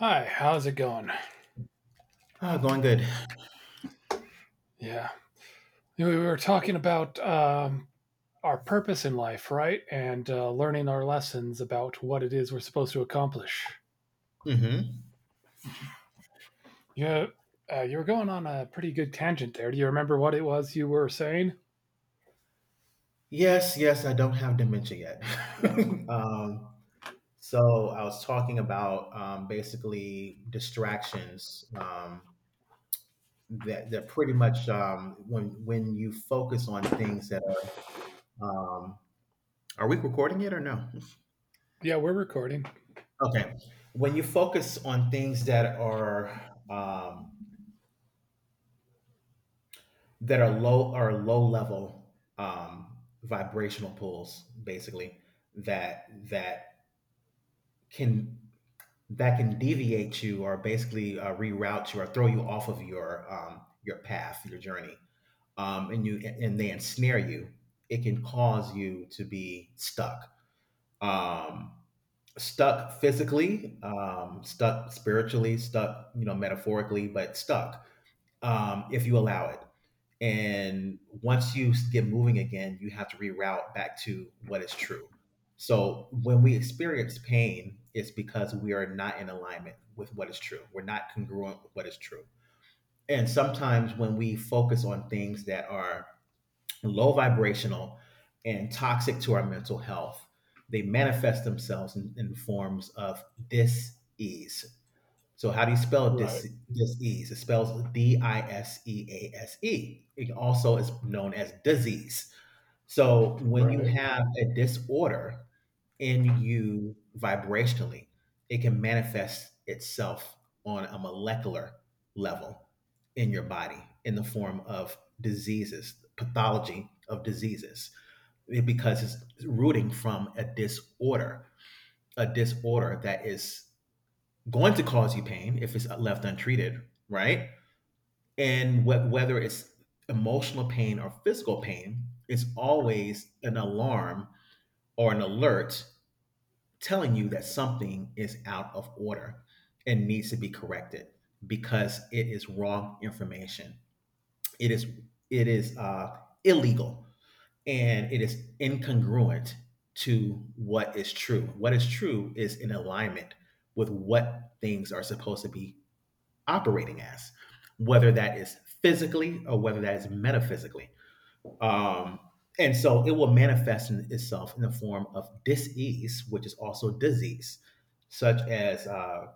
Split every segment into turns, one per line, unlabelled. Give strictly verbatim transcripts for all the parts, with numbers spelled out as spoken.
Hi, how's it going?
Ah, going good.
Yeah. We were talking about um, our purpose in life, right? And uh, learning our lessons about what it is we're supposed to accomplish.
hmm
Yeah, uh, you were going on a pretty good tangent there. Do you remember what it was you were saying?
Yes, yes, I don't have dementia yet. um, so I was talking about um, basically distractions. Um, that that pretty much um, when when you focus on things that are, um, are we recording it or no?
Yeah, we're recording.
Okay, when you focus on things that are um, that are low are low level, um, vibrational pulls, basically that that can that can deviate you or basically uh, reroute you or throw you off of your um, your path, your journey, um, and you and they ensnare you. It can cause you to be stuck, um, stuck physically, um, stuck spiritually, stuck, you know, metaphorically, but stuck, um, if you allow it. And once you get moving again, you have to reroute back to what is true. So when we experience pain, it's because we are not in alignment with what is true. We're not congruent with what is true. And sometimes when we focus on things that are low vibrational and toxic to our mental health, they manifest themselves in, in forms of dis ease. So how do you spell
Right,
dis- disease? It spells D I S E A S E. It also is known as disease. So when you
right.
have a disorder in you vibrationally, it can manifest itself on a molecular level in your body in the form of diseases, pathology of diseases, because it's rooting from a disorder, a disorder that is going to cause you pain if it's left untreated, right? And wh- whether it's emotional pain or physical pain, it's always an alarm or an alert telling you that something is out of order and needs to be corrected because it is wrong information. It is it is uh, illegal and it is incongruent to what is true. What is true is in alignment with what things are supposed to be operating as, whether that is physically or whether that is metaphysically. Um, and so it will manifest in itself in the form of disease, which is also disease, such as uh,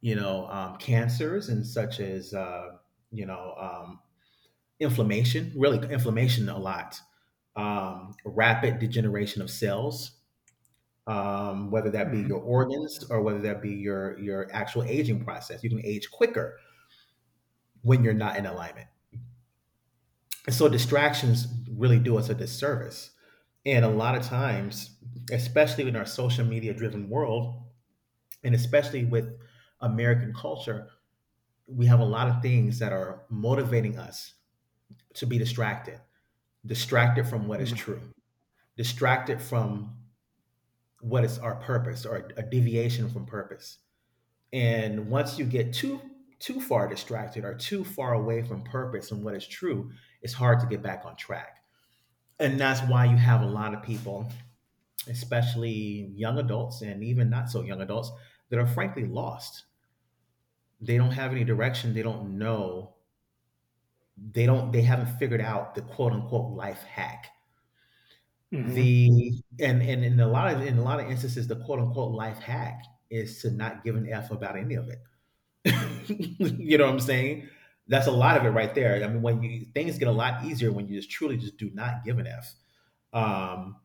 you know um, cancers and such as uh, you know um, inflammation. Really, inflammation a lot. Um, rapid degeneration of cells, um, whether that be
Mm-hmm,
your organs or whether that be your your actual aging process. You can age quicker when you're not in alignment. And so distractions really do us a disservice. And a lot of times, especially in our social media driven world, and especially with American culture, we have a lot of things that are motivating us to be distracted, distracted from what is
mm-hmm,
true, distracted from what is our purpose or a deviation from purpose. And once you get too too far distracted or too far away from purpose and what is true, it's hard to get back on track. And that's why you have a lot of people, especially young adults and even not so young adults, that are frankly lost. They don't have any direction. They don't know. They don't. They haven't figured out the quote unquote life hack.
mm-hmm,
The and and in a lot of in a lot of instances, the quote unquote life hack is to not give an f about any of it. You know what I'm saying? That's a lot of it right there. I mean, when you things get a lot easier when you just truly just do not give an f. Um,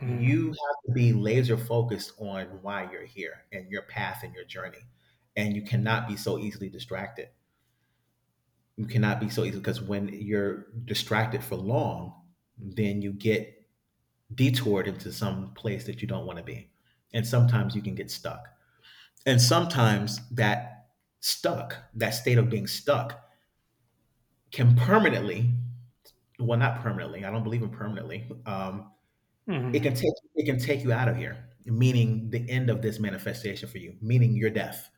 mm-hmm,
have to be laser focused on why you're here and your path and your journey. And you cannot be so easily distracted. You cannot be so easy because when you're distracted for long, then you get detoured into some place that you don't want to be. And sometimes you can get stuck. And sometimes that stuck, that state of being stuck, can permanently, well, not permanently, I don't believe in permanently, um,
mm-hmm.
it can take it can take you out of here, meaning the end of this manifestation for you, meaning your death,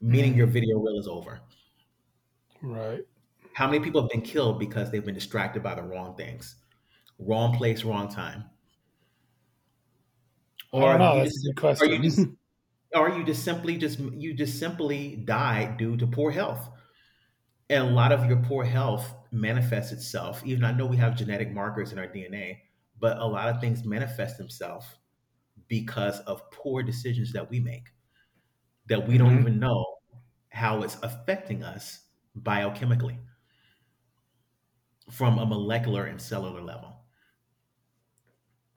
meaning your video reel is over.
Right.
How many people have been killed because they've been distracted by the wrong things, wrong place, wrong time,
I don't
or
know.
you
That's a
just
good
or you just
question.
or you just simply just you just simply die due to poor health. And a lot of your poor health manifests itself. Even I know we have genetic markers in our D N A, but a lot of things manifest themselves because of poor decisions that we make, that we don't
Mm-hmm,
even know how it's affecting us biochemically from a molecular and cellular level.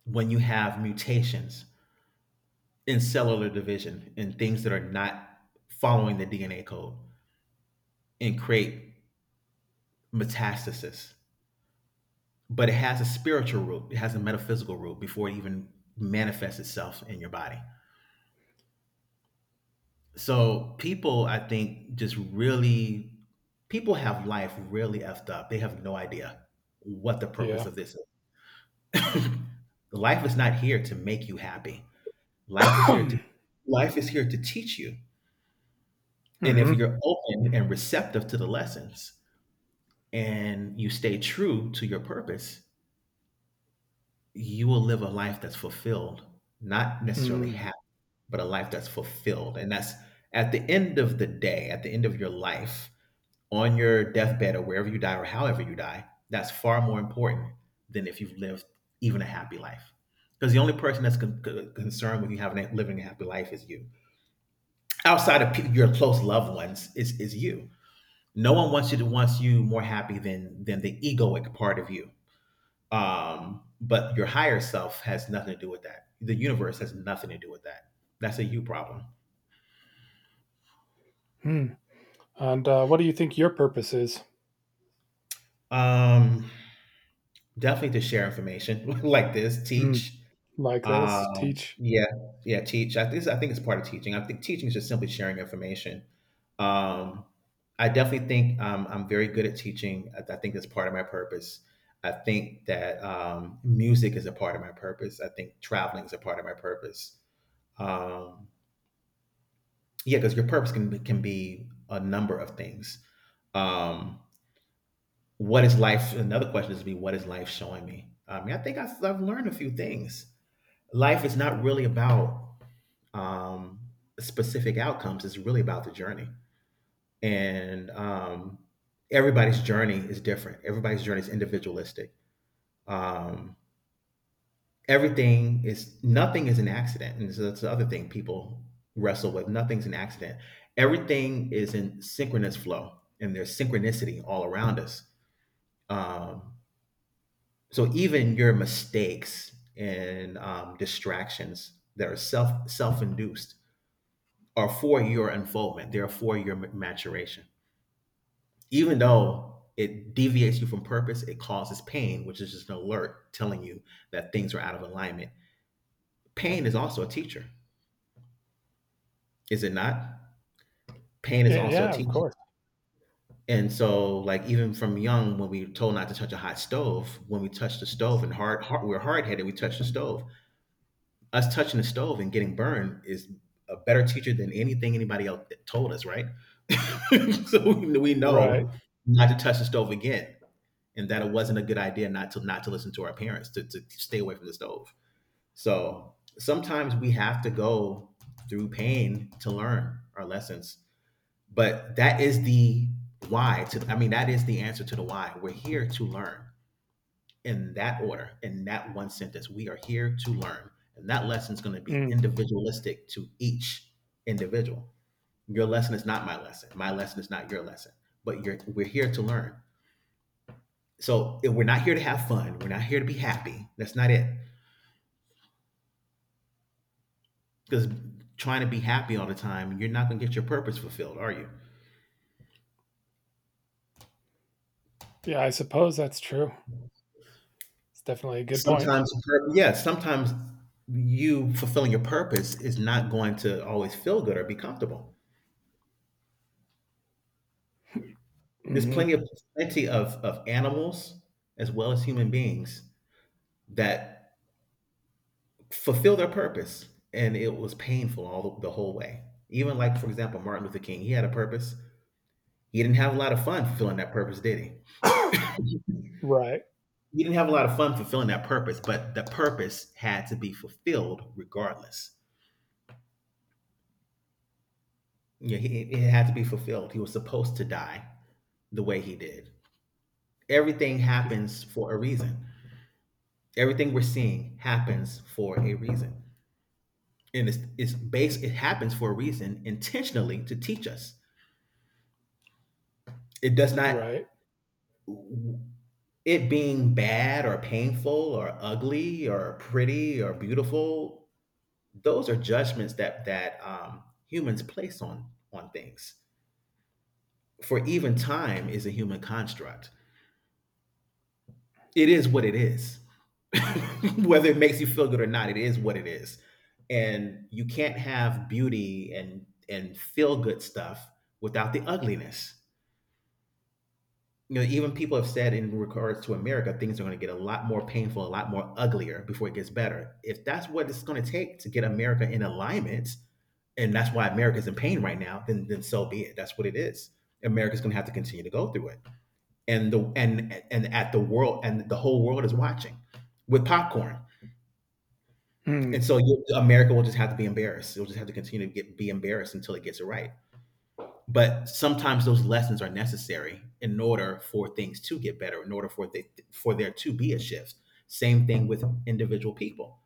When you have mutations in cellular division and things that are not following the D N A code and create metastasis, but it has a spiritual root, it has a metaphysical root before it even manifests itself in your body. So people, I think, just really people have life really effed up. They have no idea what the purpose
yeah.
of this is. Life is not here to make you happy. Life is here
Mm-hmm,
to life is here to teach you. And if you're open and receptive to the lessons and you stay true to your purpose, you will live a life that's fulfilled, not necessarily
mm-hmm.
happy, but a life that's fulfilled. And that's at the end of the day, at the end of your life, on your deathbed or wherever you die or however you die, that's far more important than if you've lived even a happy life. Because the only person that's con- con- concerned with you having living a happy life is you. Outside of pe- your close loved ones, is is you. No one wants you to wants you more happy than than the egoic part of you. Um, but your higher self has nothing to do with that. The universe has nothing to do with that. That's a you problem.
Mm-hmm. And uh, what do you think your purpose is?
Um, Definitely to share information like this,
Mm.
teach.
Like this,
Um,
teach.
yeah, yeah, teach. I think I think it's part of teaching. I think teaching is just simply sharing information. Um, I definitely think um, I'm very good at teaching. I, I think that's part of my purpose. I think that um, music is a part of my purpose. I think traveling is a part of my purpose. Um, yeah, because your purpose can be- can be a number of things. Um, what is life? Another question is to be what is life showing me? I mean, I think I've, I've learned a few things. Life is not really about um, specific outcomes. It's really about the journey. And um, everybody's journey is different. Everybody's journey is individualistic. Um, Everything is nothing is an accident, and so that's the other thing people wrestle with. Nothing's an accident. Everything is in synchronous flow, and there's synchronicity all around us. Um, so even your mistakes and um, distractions that are self self induced are for your unfoldment. They're for your maturation. Even though it deviates you from purpose, it causes pain, which is just an alert telling you that things are out of alignment. Pain is also a teacher, is it not? Pain is
Yeah,
also a
yeah, of
teacher.
course.
And so, like even from young, when we were told not to touch a hot stove, when we touch the stove and hard, hard we're hard headed, we touch the stove us touching the stove and getting burned is a better teacher than anything anybody else told us, right? So we
Right.
know not to touch the stove again, and that it wasn't a good idea not to not to listen to our parents to, to stay away from the stove. So sometimes we have to go through pain to learn our lessons, but that is the why. To I mean, that is the answer to the why. We're here to learn in that order, in that one sentence. We are here to learn. And that lesson is going to be
Mm.
individualistic to each individual. Your lesson is not my lesson. My lesson is not your lesson. But you're, we're here to learn. So we're not here to have fun. We're not here to be happy. That's not it. Because trying to be happy all the time, you're not going to get your purpose fulfilled, are you?
Yeah, I suppose that's true. It's definitely a good point.
Sometimes, pur- yeah, sometimes you fulfilling your purpose is not going to always feel good or be comfortable. There's plenty
Hmm.
of plenty of of animals as well as human beings that fulfill their purpose, and it was painful all the, the whole way. Even like for example, Martin Luther King, he had a purpose. He didn't have a lot of fun fulfilling that purpose, did he?
Right.
He didn't have a lot of fun fulfilling that purpose, but the purpose had to be fulfilled regardless. Yeah, he, it had to be fulfilled. He was supposed to die the way he did. Everything
You th-
happens for a reason. Everything we're seeing happens for a reason. And it's, it's based it happens for a reason intentionally to teach us. It does not,
Right.
it being bad or painful or ugly or pretty or beautiful, those are judgments that that um, humans place on on things. For even time is a human construct. It is what it is. Whether it makes you feel good or not, it is what it is. And you can't have beauty and and feel good stuff without the ugliness. You know, even people have said in regards to America, things are going to get a lot more painful, a lot more uglier before it gets better. If that's what it's going to take to get America in alignment, and that's why America's in pain right now, then then so be it. That's what it is. America's going to have to continue to go through it, and the and and at the world, and the whole world, is watching with popcorn. And
Mm.
so you, America, will just have to be embarrassed. It'll just have to continue to get be embarrassed until it gets it right. But sometimes those lessons are necessary in order for things to get better, in order for the, for there to be a shift. Same thing with individual people.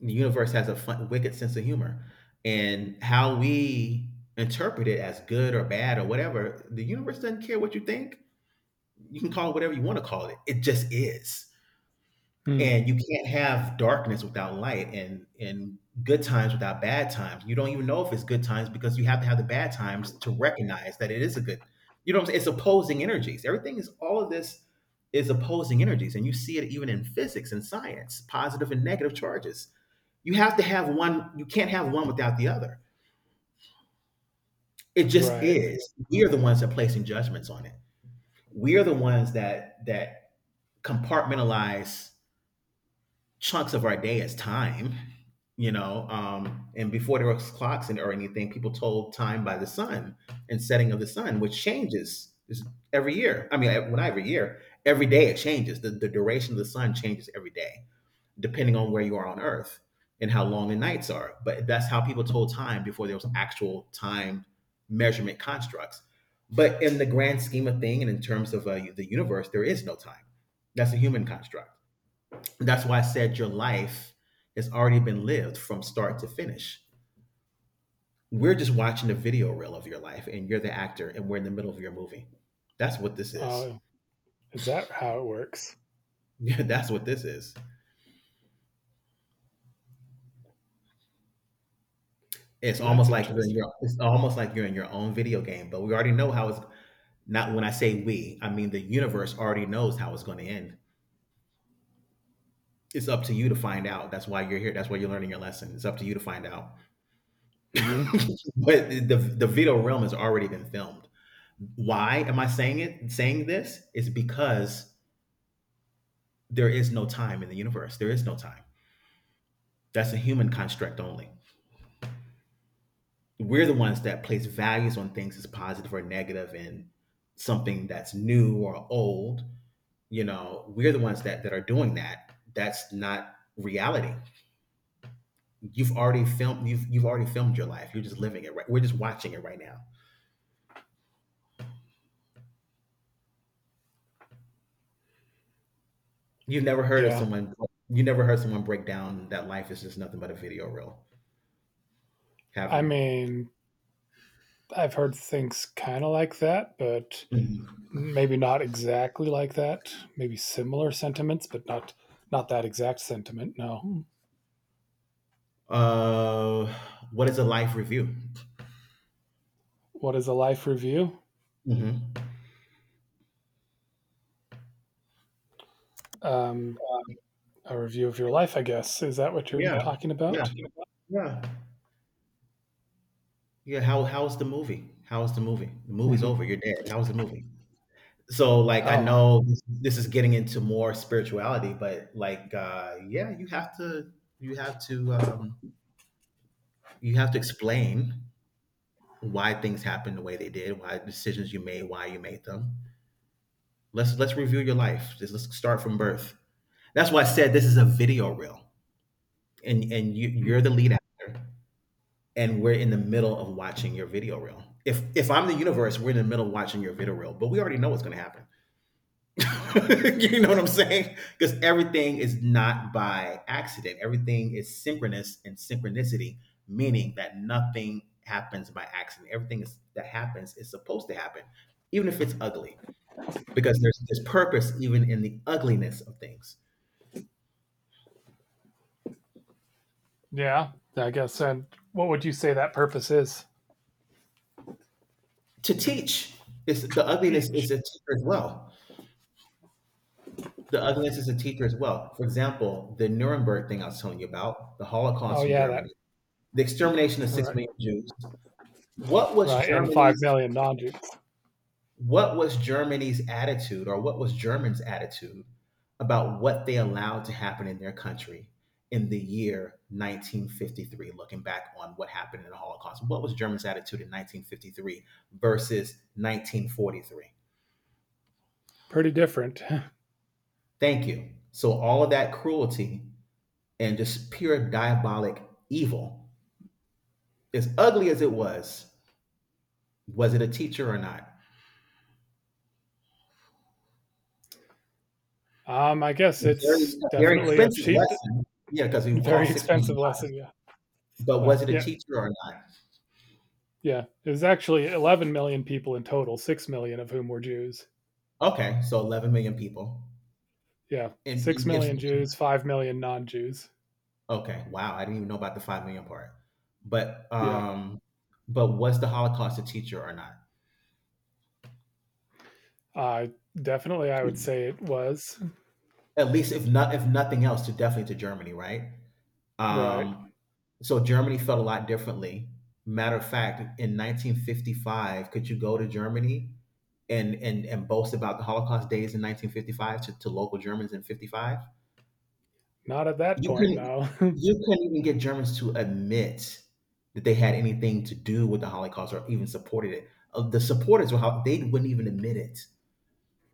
The universe has a fun, wicked sense of humor. And how we interpret it as good or bad or whatever, the universe doesn't care what you think. You can call it whatever you want to call it, it just is.
Mm.
And you can't have darkness without light, and and good times without bad times. You don't even know if it's good times because you have to have the bad times to recognize that it is a good. You know what I'm saying? It's opposing energies. Everything is, all of this is opposing energies, and you see it even in physics and science, positive and negative charges. You have to have one, you can't have one without the other. It just
Right.
is. We are the ones that are placing judgments on it. We are the ones that that compartmentalize chunks of our day as time, you know. Um, and before there was clocks and or anything, people told time by the sun and setting of the sun, which changes is every year. I mean, when I every year, every day it changes. The, the duration of the sun changes every day, depending on where you are on Earth and how long the nights are. But that's how people told time before there was actual time measurement constructs. But in the grand scheme of thing, and in terms of uh, the universe, there is no time. That's a human construct. That's why I said your life has already been lived from start to finish. We're just watching a video reel of your life, and you're the actor, and we're in the middle of your movie. That's what this is.
Uh, is that how it works?
Yeah, that's what this is. It's
That's
almost like you're in
interesting.
your it's almost like you're in your own video game, but we already know how it's, not when I say we, I mean the universe already knows how it's going to end. It's up to you to find out. That's why you're here. That's why you're learning your lesson. It's up to you to find out.
Hmm.
But the the video realm has already been filmed. Why am I saying it? Saying this is because there is no time in the universe. There is no time. That's a human construct only. We're the ones that place values on things as positive or negative, and something that's new or old. You know, we're the ones that that are doing that. That's not reality. You've already filmed you've you've already filmed your life. You're just living it right. We're just watching it right now. You've never heard of
Yeah.
someone you never heard someone break down that life is just nothing but a video reel, have
I mean, I've heard things kind of like that, but
you?
maybe not exactly like that. Maybe similar sentiments, but not not that exact sentiment. No.
Uh, what is a life review?
What is a life review?
Hmm.
Um, a review of your life, I guess. Is that what you're
Yeah,
talking
yeah,
about?
yeah, yeah. How how's the movie? How's the movie? The movie's
Mhm.
over. You're dead. How's the movie? So like, I
Oh,
know this, this is getting into more spirituality, but like, uh, yeah, you have to, you have to um, you have to explain why things happened the way they did, why decisions you made, why you made them. Let's let's review your life. Just let's start from birth. That's why I said this is a video reel. and and you, you're
mm,
the lead actor, and we're in the middle of watching your video reel. If if I'm the universe, we're in the middle of watching your video reel, but we already know what's going to happen. You know what I'm saying, because everything is not by accident. Everything is synchronous and synchronicity, meaning that nothing happens by accident. everything is, that happens is supposed to happen, even if it's ugly, because there's there's purpose even in the ugliness of things.
yeah, I guess. And what would you say that purpose is
To teach, it's, the ugliness
each?
is a teacher as well. The ugliness is a teacher as well. For example, the Nuremberg thing I was telling you about, the
Oh,
Holocaust in
yeah,
Germany,
that
the extermination of six
right,
million Jews. What was
right, and five
Germany's
million non-Jews.
what was Germany's attitude or what was Germans' attitude about what they allowed to happen in their country in the year nineteen fifty-three, looking back on what happened in the Holocaust? What was Germans' attitude in nineteen fifty-three versus nineteen forty-three?
Pretty different.
Thank you. So all of that cruelty and just pure diabolic evil, as ugly as it was, was it a teacher or not?
Um, I guess
A very,
it's
a very
definitely a
expensive
cheap,
lesson. Yeah, because it would
very
cost six
expensive
million. Dollars.
lesson. Yeah.
But
Well,
was it a
yeah,
teacher or not?
yeah. It was actually eleven million people in total, six million of whom were Jews.
Okay, so eleven million people.
Yeah,
And,
six
and if
million Jews, five million non-Jews.
okay, wow, I didn't even know about the five million part. But
Yeah,
um, but was the Holocaust a teacher or not?
uh, definitely, I would say it was.
At least if not, if nothing else, to definitely to Germany, right?
Right.
Um, so Germany felt a lot differently. Matter of fact, in nineteen fifty-five, could you go to Germany and and and boast about the Holocaust days in nineteen fifty-five to, to local Germans in fifty-five?
Not at that
You
point,
couldn't
no.
you couldn't even get Germans to admit that they had anything to do with the Holocaust or even supported it. Uh, The supporters were how they wouldn't even admit it.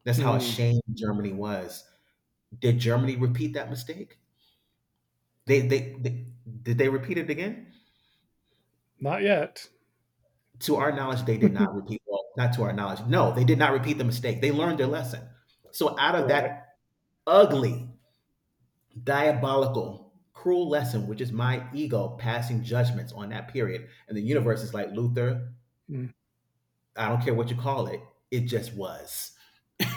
That's how
Mm,
ashamed Germany was. Did Germany repeat that mistake? They they, they did they repeat it again?
not yet.
To our knowledge, they did not repeat. Well, not to our knowledge. No, they did not repeat the mistake. They learned their lesson. So out of
Right.
that ugly, diabolical, cruel lesson, which is my ego passing judgments on that period, and the universe is like Luther.
Mm,
I don't care what you call it. It just was.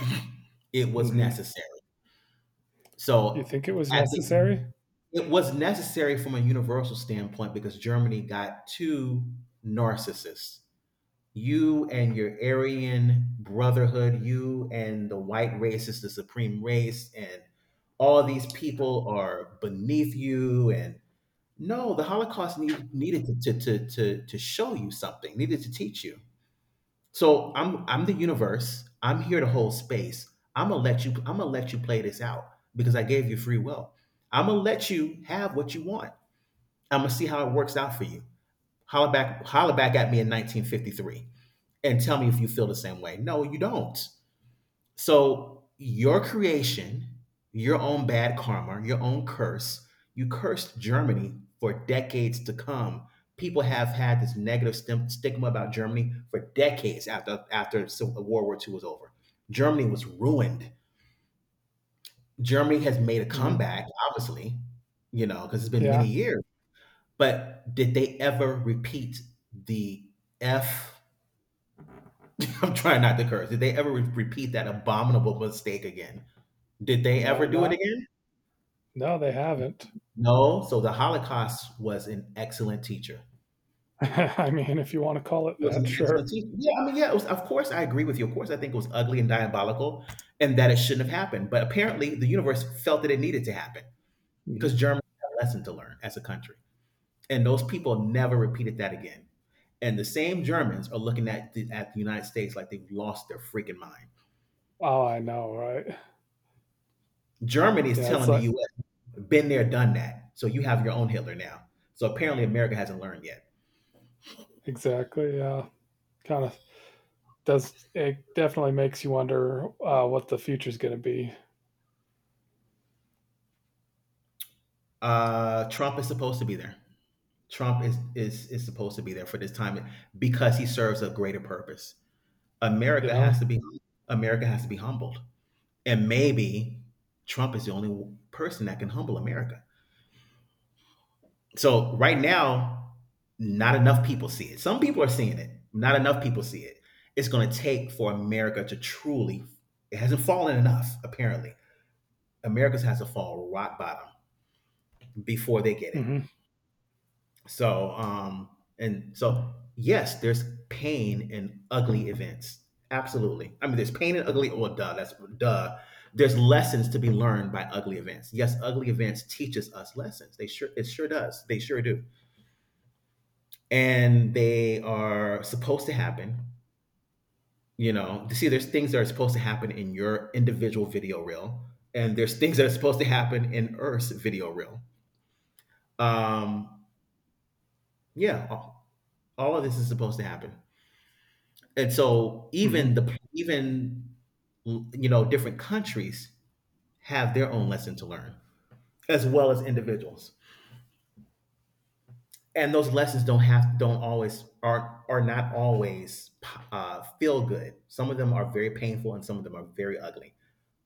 It was
mhm.
necessary.
You
So
think it was
I think
necessary?
it was necessary from a universal standpoint because Germany got too narcissists. You and your Aryan brotherhood, you and the white race is the supreme race, and all these people are beneath you. And no, the Holocaust need, needed to, to, to, to, to show you something, needed to teach you. So I'm I'm the universe. I'm here to hold space. I'm gonna let you. I'm gonna let you play this out because I gave you free will. I'm gonna let you have what you want. I'm gonna see how it works out for you. Holler back, holler back at me in nineteen fifty-three and tell me if you feel the same way. No, you don't. So your creation, your own bad karma, your own curse, you cursed Germany for decades to come. People have had this negative stim- stigma about Germany for decades after after World War Two was over. Germany was ruined. Germany has made a
Mhm.
comeback, obviously, you know, because it's been many
Yeah.
years. But did they ever repeat the F, I'm trying not to curse. Did they ever re- repeat that abominable mistake again? Did they ever
No,
do it
not
again?
no, they haven't.
No. So the Holocaust was an excellent teacher.
I mean, if you wanna call it
It was
that,
an excellent
sure.
teacher. Yeah, I mean, yeah, it was, of course I agree with you. Of course I think it was ugly and diabolical and that it shouldn't have happened. But apparently the universe felt that it needed to happen
Mhm.
because Germany had a lesson to learn as a country. And those people never repeated that again. And the same Germans are looking at the, at the United States like they've lost their freaking mind.
Oh, I know, right?
Germany is
Yeah, it's
telling the
like
U S. been there, done that. So you have your own Hitler now. So apparently America hasn't learned yet.
exactly, yeah. Kinda does it definitely makes you wonder, uh, what the future's gonna be.
Uh, Trump is supposed to be there. Trump is, is is supposed to be there for this time because he serves a greater purpose. America has
Yeah.
to be America has to be humbled, and maybe Trump is the only person that can humble America. So right now, not enough people see it. Some people are seeing it. Not enough people see it. It's going to take for America to truly. It hasn't fallen enough, apparently. America's has to fall rock bottom before they get it.
Mhm,
So, um, and so yes, there's pain in ugly events. Absolutely. I mean, there's pain in ugly. Oh, duh. That's duh. There's lessons to be learned by ugly events. Yes, ugly events teaches us lessons. They sure it sure does. They sure do. And they are supposed to happen. You know, see, there's things that are supposed to happen in your individual video reel, and there's things that are supposed to happen in Earth's video reel. Um, yeah, all of this is supposed to happen, and so
mhm,
even the even you know, different countries have their own lesson to learn, as well as individuals, and those lessons don't have don't always are are not always uh, feel good. Some of them are very painful and some of them are very ugly,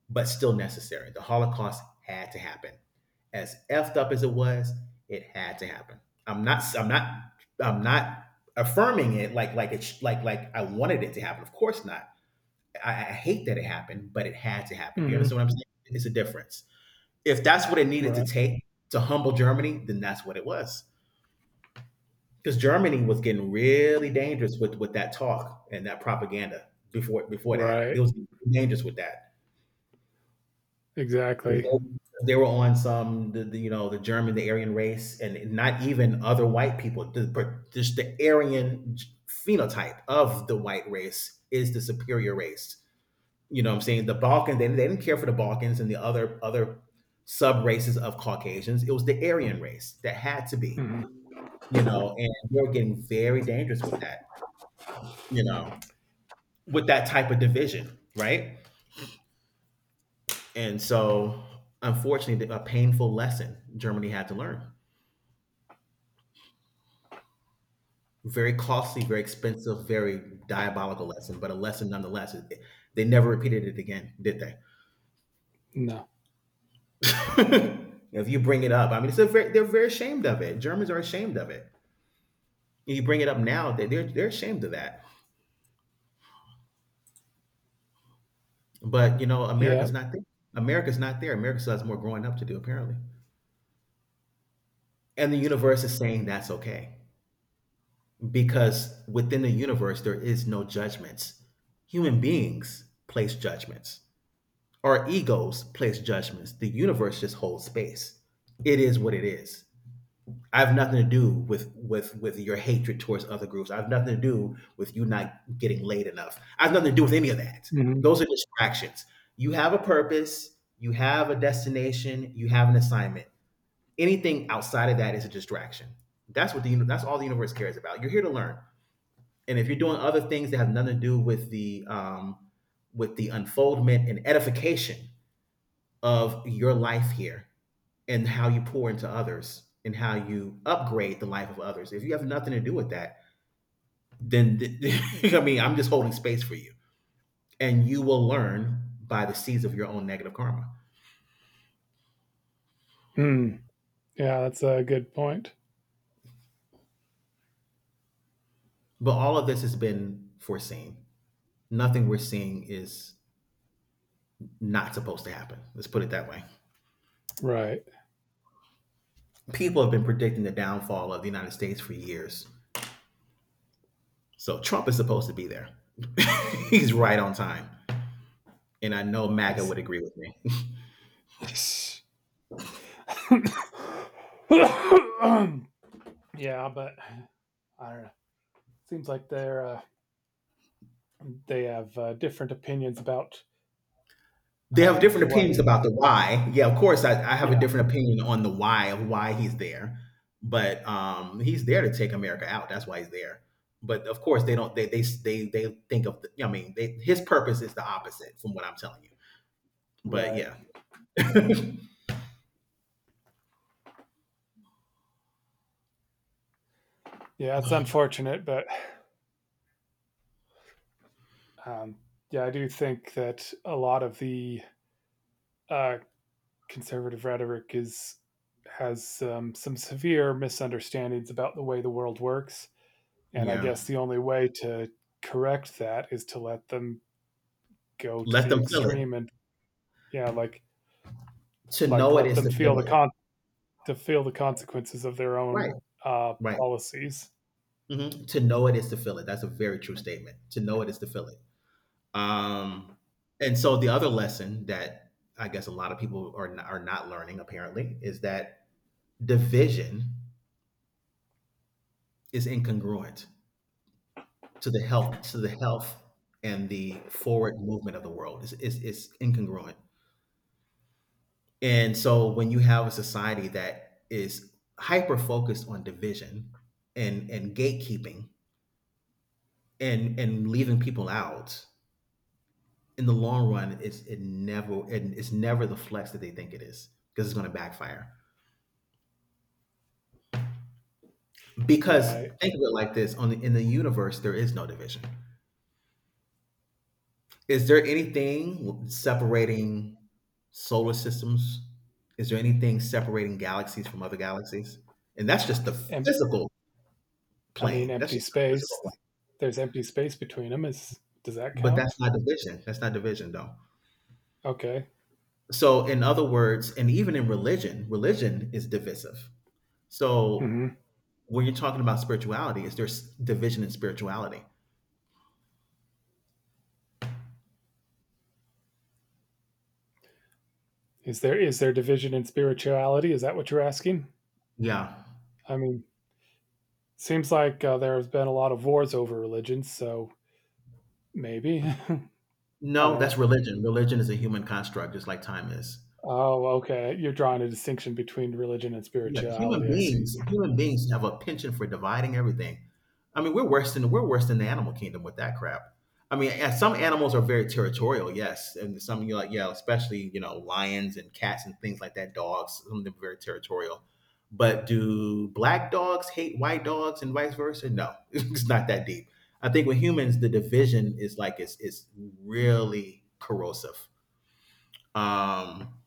but still necessary. The holocaust had to happen, as effed up as it was, it had to happen. I'm not i'm not i'm not affirming it like like it's like like I wanted it to happen. Of course not. I, I hate that it happened, but it had to happen. Do you understand
mhm.
what I'm saying? It's a difference. If that's what it needed to
Right.
take to humble Germany, then that's what it was. Because Germany was getting really dangerous with, with that talk and that propaganda before before that. It
Right.
was dangerous with that, because
Exactly.
they, they were on some the, the, you know, the German, the Aryan race, and not even other white people. The, just the Aryan phenotype of the white race is the superior race. You know what I'm saying? The Balkans, they, they didn't care for the Balkans and the other other sub races of Caucasians. It was the Aryan race that had to be,
Mhm.
you know, and we were getting very dangerous with that, you know, with that type of division, right? And so, unfortunately, a painful lesson Germany had to learn. Very costly, very expensive, very diabolical lesson, but a lesson nonetheless. They never repeated it again, did they?
No.
If you bring it up, I mean, it's a very— they're very ashamed of it. Germans are ashamed of it. You bring it up now, they- they're they're ashamed of that. But you know,
Yeah.
America's not there. America's not there. America still has more growing up to do, apparently. And the universe is saying that's okay, because within the universe there is no judgments. Human beings place judgments. Our egos place judgments. The universe just holds space. It is what it is. I have nothing to do with with with your hatred towards other groups. I have nothing to do with you not getting laid enough. I have nothing to do with any of that.
Mhm.
Those are distractions. You have a purpose, you have a destination, you have an assignment. Anything outside of that is a distraction. That's what the that's all the universe cares about. You're here to learn, and if you're doing other things that have nothing to do with the um, with the unfoldment and edification of your life here, and how you pour into others and how you upgrade the life of others. If you have nothing to do with that, then I mean, I'm just holding space for you. And you will learn by the seeds of your own negative karma.
Mm. Yeah, that's a good point.
But all of this has been foreseen. Nothing we're seeing is not supposed to happen. Let's put it that way.
Right.
People have been predicting the downfall of the United States for years. So Trump is supposed to be there. He's right on time. And I know
I
MAGA
see.
would agree with me.
Yeah, but I don't know. Seems like they're uh, they have uh, different opinions about
They
uh,
have different
what.
opinions
A,
about the why. Yeah, of course, I, I have a
yeah,
different opinion on the why of why he's there, but um, he's there to take America out. That's why he's there. But of course, they don't. They they they they think of. The, I mean, they, his purpose is the opposite from what I'm telling you. But
right.
yeah,
Yeah, it's unfortunate, but um, yeah, I do think that a lot of the uh, conservative rhetoric is has um, some severe misunderstandings about the way the world works. And I
yeah.
guess the only way to correct that is to let them go to
Let
the
them feel it.
extreme and yeah, like
To
like
know it
let
is
them
to
feel
feel
the
it.
con to feel the consequences of their
Right.
own uh,
Right.
policies.
Mhm. To know it is to feel it. That's a very true statement. To know it is to feel it. Um, and so the other lesson that I guess a lot of people are not, are not learning apparently, is that division is incongruent to the health to the health and the forward movement of the world, is is is incongruent. And so when you have a society that is hyper focused on division, and and gatekeeping, and and leaving people out, in the long run, it's it never it, it's never the flex that they think it is, because it's going to backfire. Because
Right.
think of it like this: on the, in the universe, there is no division. Is there anything separating solar systems? Is there anything separating galaxies from other galaxies? And that's just the
And
physical
I mean
plane. That's
empty
just the physical
space.
plane.
There's empty space between them. Is does that
But
count?
that's not division. That's not division, though.
Okay.
So, in other words, and even in religion, religion is divisive. So,
Hmm.
when you're talking about spirituality, is there s- division in spirituality?
Is there is there division in spirituality? Is that what you're asking?
Yeah.
I mean, seems like uh, there has been a lot of wars over religions, so maybe. I
No,
don't
that's
know.
religion. Religion is a human construct, just like time is.
Oh, okay. You're drawing a distinction between religion and
Yeah, human
spirituality. I see.
beings, human beings have a penchant for dividing everything. I mean, we're worse than we're worse than the animal kingdom with that crap. I mean, and some animals are very territorial, yes, and some you know, like yeah, especially you know, lions and cats and things like that. Dogs, some of them are very territorial. But do black dogs hate white dogs and vice versa? No, it's not that deep. I think with humans, the division is like it's it's really corrosive. Um,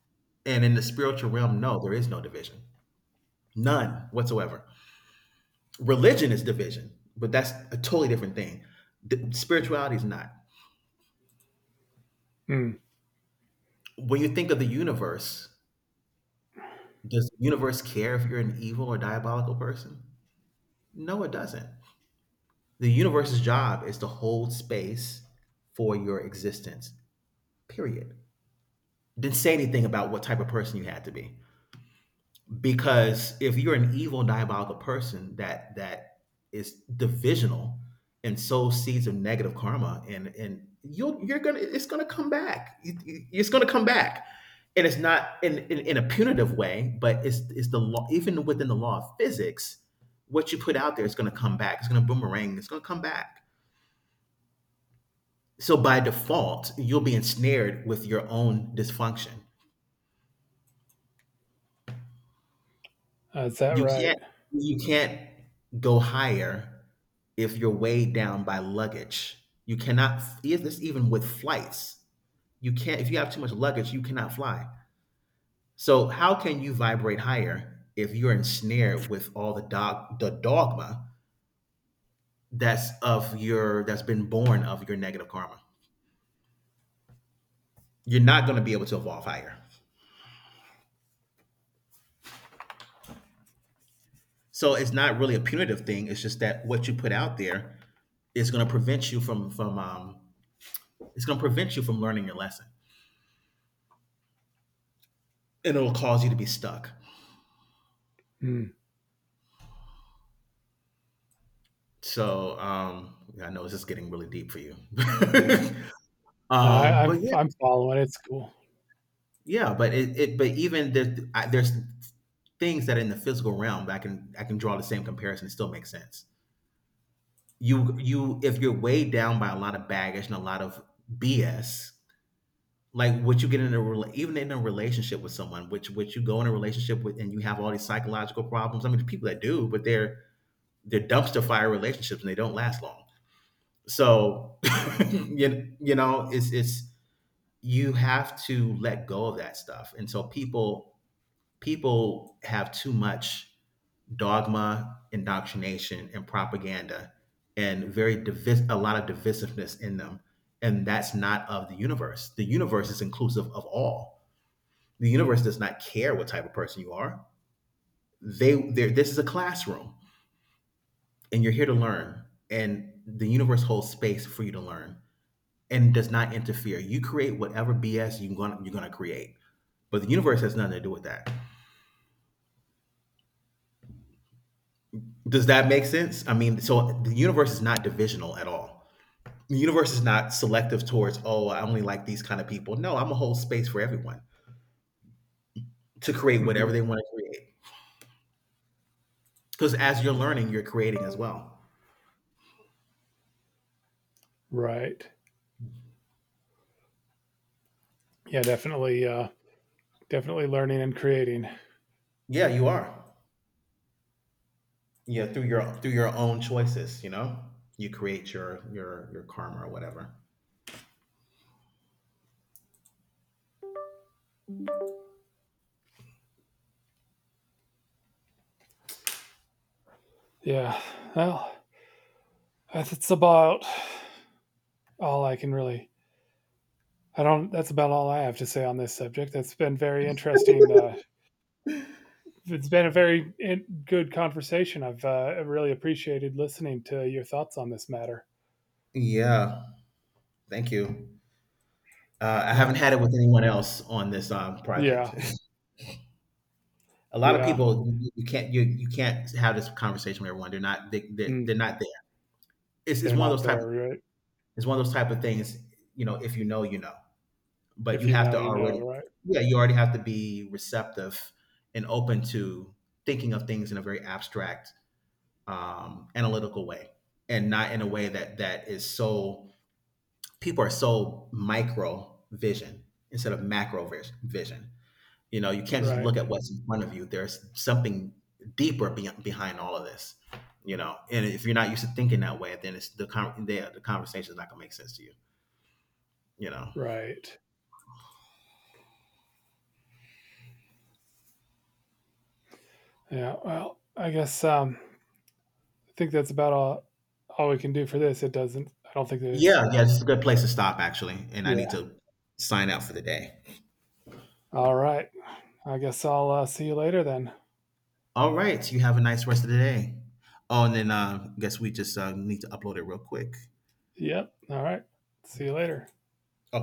and in the spiritual realm, no, there is no division. None whatsoever. Religion is division, but that's a totally different thing. The- spirituality is not.
Hmm.
When you think of the universe, does the universe care if you're an evil or diabolical person? No, it doesn't. The universe's job is to hold space for your existence, period. Didn't say anything about what type of person you had to be. Because if you're an evil diabolical person, that that is divisional and sows seeds of negative karma, and and you'll you're gonna— it's gonna come back. It- it- it's gonna come back, and it's not in, in in a punitive way, but it's it's the law, even within the law of physics. What you put out there is gonna come back, it's gonna boomerang, it's gonna come back. So by default you'll be ensnared with your own dysfunction.
Is that
You
right?
can't you can't go higher if you're weighed down by luggage. You cannot, if this, even with flights. You can't— if you have too much luggage, you cannot fly. So how can you vibrate higher if you're ensnared with all the dog the dogma that's of your— that's been born of your negative karma? You're not going to be able to evolve higher. So it's not really a punitive thing. It's just that what you put out there is going to prevent you from— from um, it's going to prevent you from learning your lesson, and it'll cause you to be stuck.
Hmm.
So um, yeah, I know this is getting really deep for you.
Yeah. No,
um,
I, I'm
but yeah,
I'm following. It's cool.
yeah, but it, it but even the, I, there's things that are in the physical realm that I can I can draw the same comparison. It still makes sense. You you if you're weighed down by a lot of baggage and a lot of B S, like what you get in a rela- even in a relationship with someone, which which you go in a relationship with and you have all these psychological problems. I mean, there's people that do, but they're they're dumpster fire relationships and they don't last long. So you, you know, it's it's you have to let go of that stuff. And so people people have too much dogma, indoctrination, and propaganda, and very divis- a lot of divisiveness in them. And that's not of the universe. The universe is inclusive of all. The universe does not care what type of person you are. They they this is a classroom, and you're here to learn. And the universe holds space for you to learn, and does not interfere. You create whatever B S you gonna, you're going to create, but the universe has nothing to do with that. Does that make sense? I mean, so the universe is not divisional at all. The universe is not selective towards, oh, I only like these kind of people. No, I'm a whole space for everyone to create
Hmm.
whatever they want to create. Because as you're learning, you're creating as well.
Right. Yeah. Definitely. Uh. Definitely learning and creating.
Yeah, you are. Yeah, through your through your own choices, you know, you create your your your karma or whatever.
Yeah. Well, that's it's about all I can really. I don't. That's about all I have to say on this subject. That has been very interesting. Uh, it's been a very in, good conversation. I've uh, really appreciated listening to your thoughts on this matter.
Yeah. Thank you. Uh, I haven't
Yeah.
had it with anyone else on this um,
Yeah.
project. A lot of
Yeah.
people— you- you can't you you can't have this conversation with everyone. They're not— they they're,
Mm,
they're not there. It's, it's
they're
one of
not
those type of,
there, right?
it's one of those type of things. You know, if you know, you know. But
If
you
you
have
know,
to
you
already—
know, right?
yeah, you already have to be receptive and open to thinking of things in a very abstract, um, analytical way, and not in a way that that is so— people are so micro vision instead of macro vis- vision. You know, you can't just look
Right.
at what's in front of you. There's something deeper be- behind all of this. You know, and if you're not used to thinking that way, then it's the con- the, the conversation is not gonna make sense to you. You know.
Right. Yeah. Well, I guess um I think that's about all all we can do for this. It doesn't I don't think there's.
Yeah, yeah, it's a good place to stop actually, and I need
Yeah.
to sign out for the day.
All right. I guess I'll uh, see you later then.
All right, you have a nice rest of the day. Oh, and then uh, guess we just uh, need to upload it real quick.
Yep. All right. See you later.